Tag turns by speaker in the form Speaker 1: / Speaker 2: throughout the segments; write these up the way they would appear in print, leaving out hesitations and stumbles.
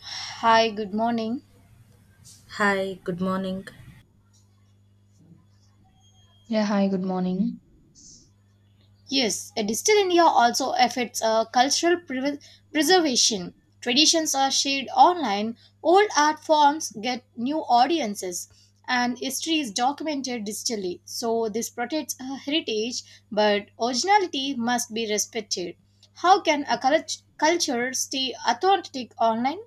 Speaker 1: Hi, good morning.
Speaker 2: Hi, good morning.
Speaker 3: Yeah, hi, good morning.
Speaker 1: Yes, a digital India also affects cultural preservation. Traditions are shared online, old art forms get new audiences, and history is documented digitally. So, this protects heritage, but originality must be respected. How can a culture stay authentic online?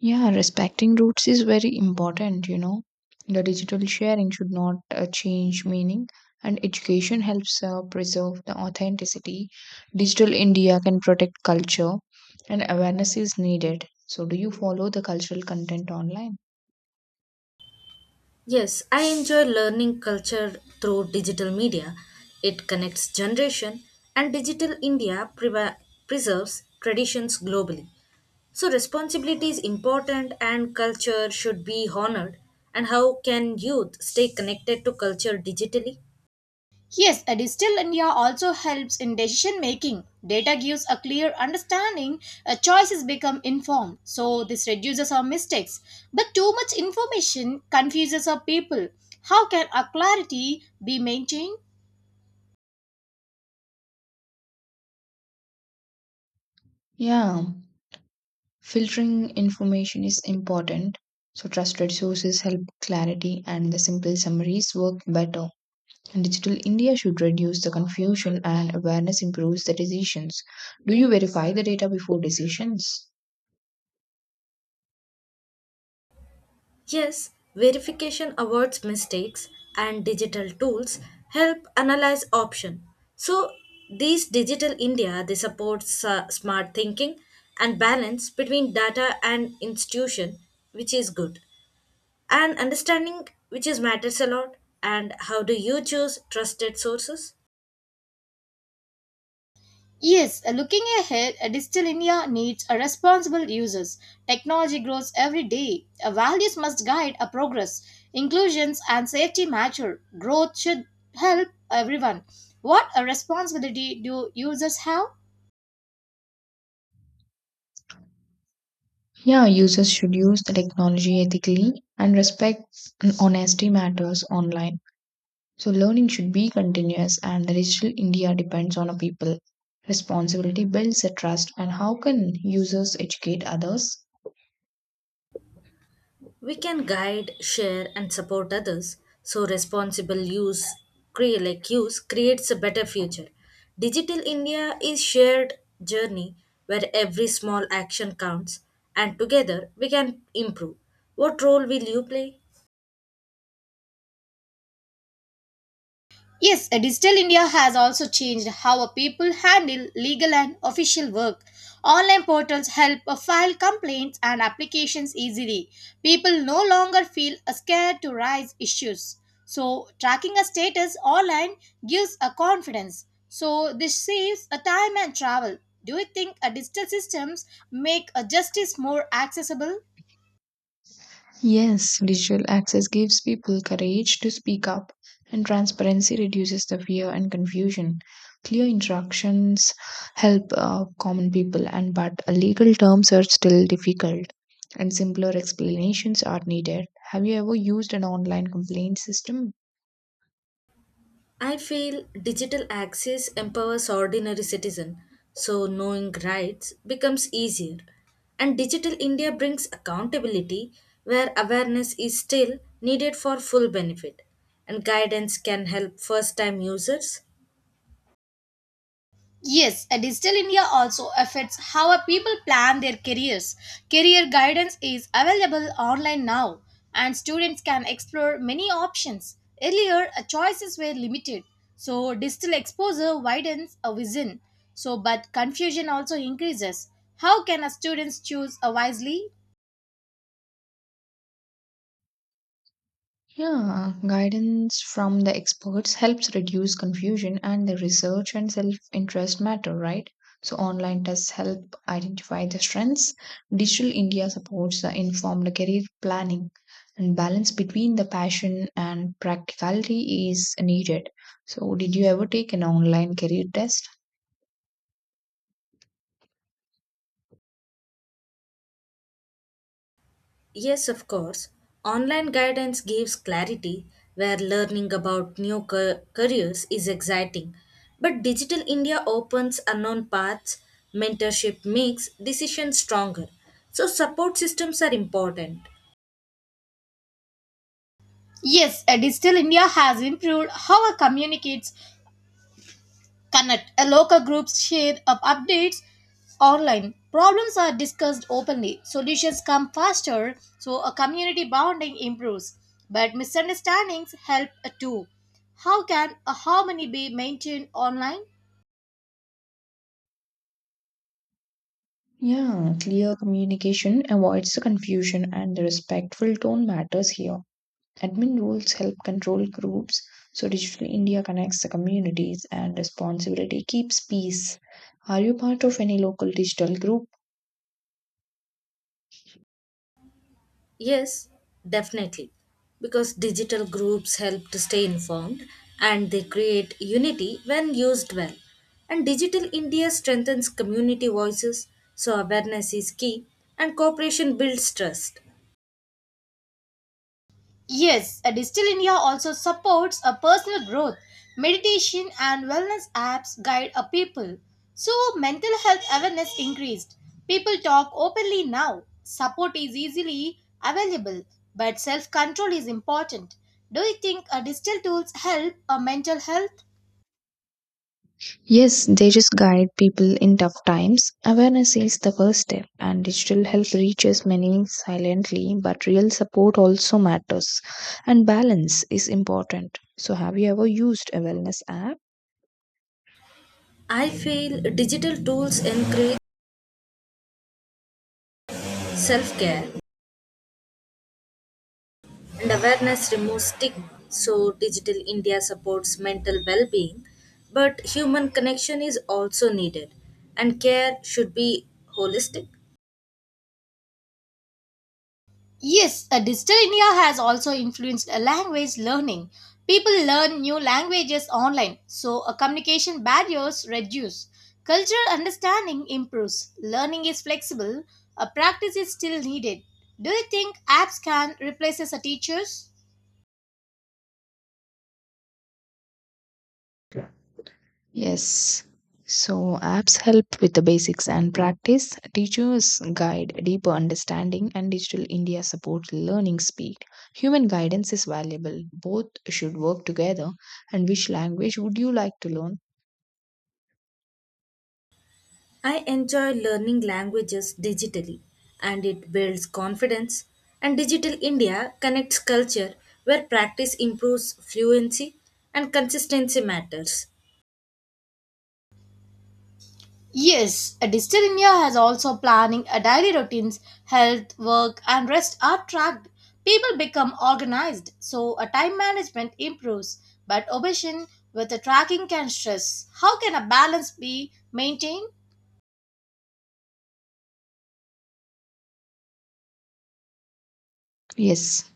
Speaker 3: Yeah, respecting roots is very important, you know. The digital sharing should not change meaning, and education helps preserve the authenticity. Digital India can protect culture, and awareness is needed. So, do you follow the cultural content online?
Speaker 2: Yes, I enjoy learning culture through digital media. It connects generation, and digital India preserves traditions globally. So responsibility is important, and culture should be honored. And how can youth stay connected to culture digitally?
Speaker 1: Yes, a digital India also helps in decision making. Data gives a clear understanding, choices become informed, so this reduces our mistakes. But too much information confuses our people. How can our clarity be maintained?
Speaker 3: Yeah, filtering information is important. So, trusted sources help clarity, and the simple summaries work better. Digital India should reduce the confusion and awareness improves the decisions. Do you verify the data before decisions?
Speaker 2: Yes, verification awards mistakes, and digital tools help analyze option. So these digital India they support smart thinking and balance between data and institution, which is good, and understanding which is matters a lot. And how do you choose trusted sources?
Speaker 1: Yes, looking ahead, Digital India needs a responsible users. Technology grows every day. Values must guide a progress. Inclusions and safety matter. Growth should help everyone. What a responsibility do users have?
Speaker 3: Yeah, users should use the technology ethically and respect and honesty matters online. So learning should be continuous and the Digital India depends on a people. Responsibility builds a trust and how can users educate others?
Speaker 2: We can guide, share, and support others, so responsible use, like use creates a better future. Digital India is shared journey where every small action counts, and together we can improve. What role will you play?
Speaker 1: Yes, Digital India has also changed how a people handle legal and official work. Online portals help file complaints and applications easily. People no longer feel scared to raise issues. So, tracking a status online gives a confidence. So, this saves a time and travel. Do you think a digital systems make a justice more accessible?
Speaker 3: Yes, digital access gives people courage to speak up, and transparency reduces the fear and confusion. Clear instructions help common people, and but legal terms are still difficult, and simpler explanations are needed. Have you ever used an online complaint system?
Speaker 2: I feel digital access empowers ordinary citizen, so knowing rights becomes easier. And Digital India brings accountability where awareness is still needed for full benefit, and guidance can help first time users.
Speaker 1: Yes, a digital India also affects how a people plan their careers. Career guidance is available online now, and students can explore many options. Earlier, choices were limited, so digital exposure widens a vision. So, but confusion also increases. How can a students choose wisely?
Speaker 3: Yeah, guidance from the experts helps reduce confusion, and the research and self interest matter, right? So, online tests help identify the strengths. Digital India supports the informed career planning, and balance between the passion and practicality is needed. So, did you ever take an online career test?
Speaker 2: Yes, of course. Online guidance gives clarity where learning about new careers is exciting. But Digital India opens unknown paths, mentorship makes decisions stronger. So, support systems are important.
Speaker 1: Yes, a digital India has improved how a communicates connect. A local groups share up updates online. Problems are discussed openly. Solutions come faster, so a community bonding improves. But misunderstandings help too. How can a harmony be maintained online?
Speaker 3: Yeah, clear communication avoids the confusion and the respectful tone matters here. Admin rules help control groups, so Digital India connects the communities and responsibility keeps peace. Are you part of any local digital group?
Speaker 2: Yes, definitely. Because digital groups help to stay informed, and they create unity when used well. And Digital India strengthens community voices, so awareness is key and cooperation builds trust.
Speaker 1: Yes, a Digital India also supports a personal growth. Meditation and wellness apps guide a people. So mental health awareness increased. People talk openly now. Support is easily available, but self-control is important. Do you think a digital tools help a mental health?
Speaker 3: Yes, they just guide people in tough times. Awareness is the first step, and digital help reaches many silently, but real support also matters, and balance is important. So, have you ever used a wellness app?
Speaker 2: I feel digital tools encourage self care, and awareness removes stigma. So, Digital India supports mental well being, but human connection is also needed, and care should be holistic.
Speaker 1: Yes, a digital India has also influenced a language learning. People learn new languages online, so a communication barriers reduce. Cultural understanding improves. Learning is flexible. A practice is still needed. Do you think apps can replace us as teachers?
Speaker 3: Yes. So apps help with the basics and practice. Teachers guide deeper understanding and digital India supports learning speed. Human guidance is valuable. Both should work together. And which language would you like to learn?
Speaker 2: I enjoy learning languages digitally, and it builds confidence. And Digital India connects culture where practice improves fluency and consistency matters.
Speaker 1: Yes, a Digital India has also planning a daily routines, health, work, and rest are tracked. People become organized, so a time management improves. But obsession with the tracking can stress. How can a balance be maintained?
Speaker 3: Yes.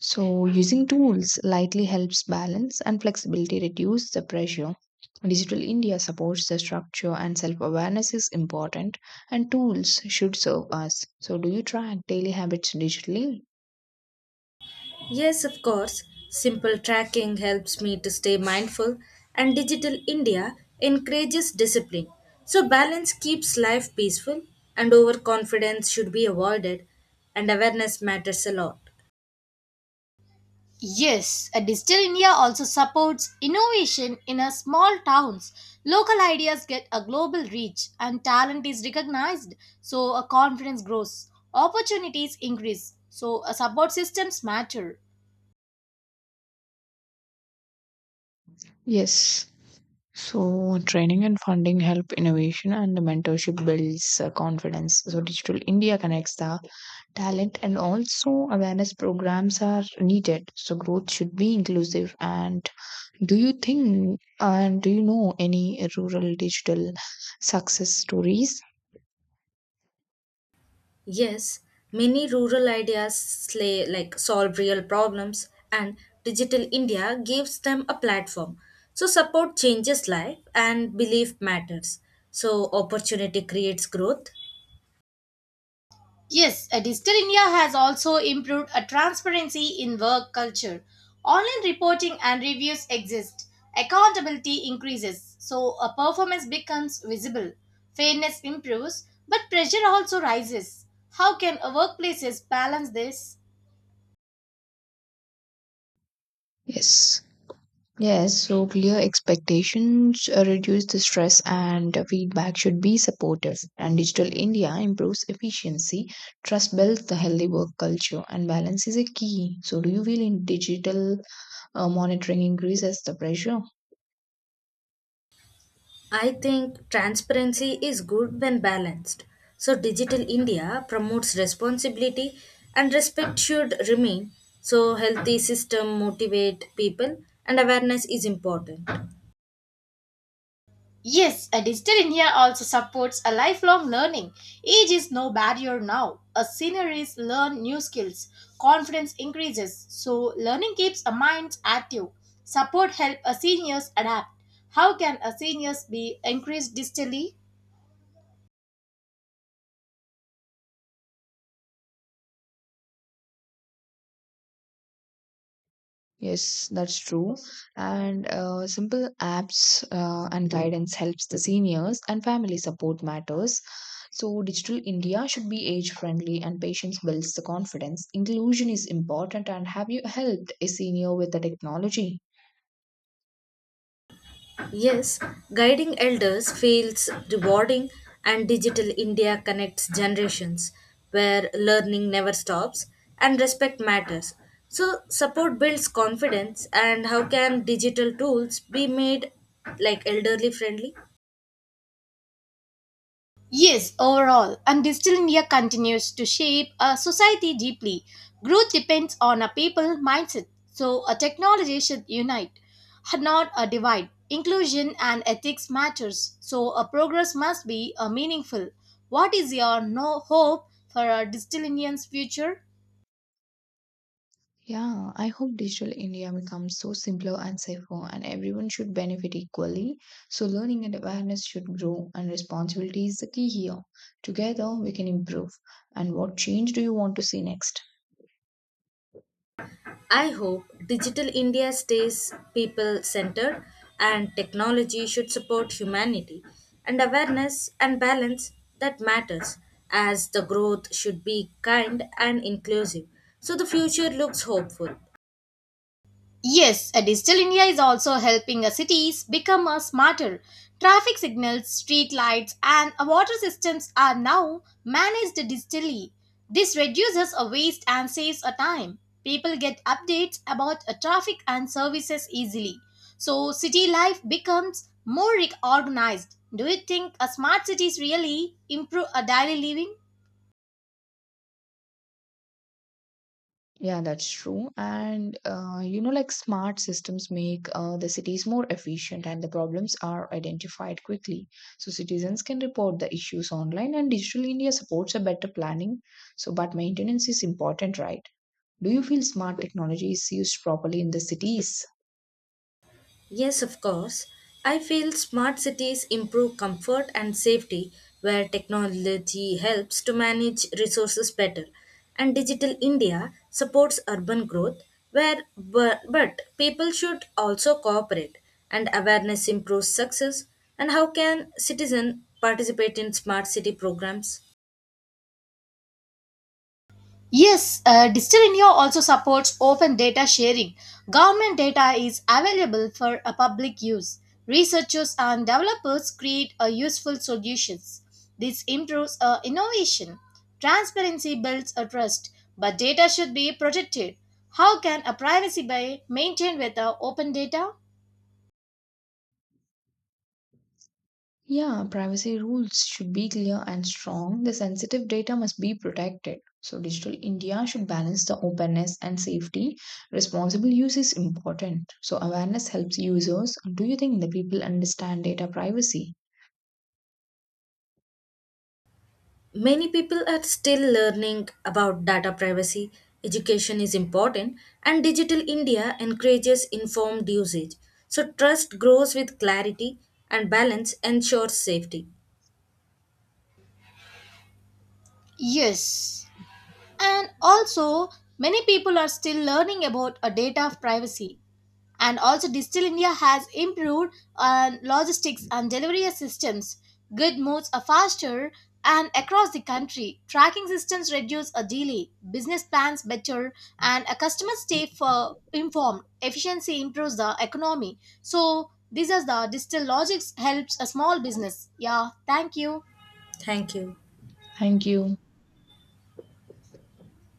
Speaker 3: So using tools lightly helps balance and flexibility reduce the pressure. Digital India supports the structure and self-awareness is important and tools should serve us. So do you track daily habits digitally?
Speaker 2: Yes, of course. Simple tracking helps me to stay mindful, and Digital India encourages discipline. So, balance keeps life peaceful, and overconfidence should be avoided, and awareness matters a lot.
Speaker 1: Yes, a Digital India also supports innovation in a small towns. Local ideas get a global reach, and talent is recognized, so a confidence grows. Opportunities increase, so a support systems matter.
Speaker 3: Yes. So training and funding help innovation and the mentorship builds confidence. So Digital India connects the talent and also awareness programs are needed. So growth should be inclusive. And do you know any rural digital success stories?
Speaker 2: Yes, many rural ideas slay, like solve real problems, and Digital India gives them a platform. So, support changes life, and belief matters. So, opportunity creates growth.
Speaker 1: Yes, Digital India has also improved a transparency in work culture. Online reporting and reviews exist. Accountability increases, so a performance becomes visible. Fairness improves, but pressure also rises. How can a workplaces balance this?
Speaker 3: Yes. Yes, so clear expectations reduce the stress and feedback should be supportive. And Digital India improves efficiency, trust builds the healthy work culture, and balance is a key. So, do you feel in digital monitoring increases the pressure?
Speaker 2: I think transparency is good when balanced. So, Digital India promotes responsibility, and respect should remain. So, healthy system motivate people and awareness is important.
Speaker 1: Yes, a Digital India also supports a lifelong learning. Age is no barrier now. A senior is learn new skills. Confidence increases. So learning keeps a mind active. Support help a seniors adapt. How can a seniors be increased digitally?
Speaker 3: Yes, that's true. And simple apps and guidance helps the seniors and family support matters. So digital India should be age friendly and patience builds the confidence. Inclusion is important and have you helped a senior with the technology?
Speaker 2: Yes, guiding elders feels rewarding, and Digital India connects generations where learning never stops and respect matters. So, support builds confidence. And how can digital tools be made like elderly friendly?
Speaker 1: Yes, overall, and Digital India continues to shape a society deeply. Growth depends on a people mindset, so a technology should unite, not a divide. Inclusion and ethics matters, so a progress must be a meaningful. What is your no hope for a Digital Indian's future?
Speaker 3: Yeah, I hope digital India becomes so simpler and safer, and everyone should benefit equally. So, learning and awareness should grow, and responsibility is the key here. Together, we can improve. And what change do you want to see next?
Speaker 2: I hope Digital India stays people centered, and technology should support humanity and awareness and balance, that matters, as the growth should be kind and inclusive. So the future looks hopeful.
Speaker 1: Yes, a Digital India is also helping our cities become a smarter. Traffic signals, street lights, and our water systems are now managed digitally. This reduces a waste and saves a time. People get updates about a traffic and services easily. So city life becomes more organized. Do you think a smart cities really improve a daily living?
Speaker 3: Yeah, that's true. And like smart systems make the cities more efficient and the problems are identified quickly. So citizens can report the issues online and Digital India supports a better planning. So, but maintenance is important, right? Do you feel smart technology is used properly in the cities?
Speaker 2: Yes, of course. I feel smart cities improve comfort and safety where technology helps to manage resources better. And Digital India supports urban growth where but people should also cooperate, and awareness improves success. And how can citizen participate in smart city programs?
Speaker 1: Yes, Digital India also supports open data sharing. Government data is available for a public use. Researchers and developers create a useful solutions. This improves innovation. Transparency builds a trust, but data should be protected. How can a privacy be maintained with open data?
Speaker 3: Yeah, privacy rules should be clear and strong. The sensitive data must be protected. So, Digital India should balance the openness and safety. Responsible use is important. So, awareness helps users. Do you think the people understand data privacy?
Speaker 2: Many people are still learning about data privacy. Education is important, and Digital India encourages informed usage. So, trust grows with clarity, and balance ensures safety.
Speaker 1: Yes. And also, many people are still learning about a data privacy. And also digital india has improved logistics and delivery systems, good moves are faster and across the country, tracking systems reduce a delay, business plans better and a customer stay for informed, efficiency improves the economy. So these are the digital logics, helps a small business. Yeah, thank you.
Speaker 2: Thank you.
Speaker 3: Thank you.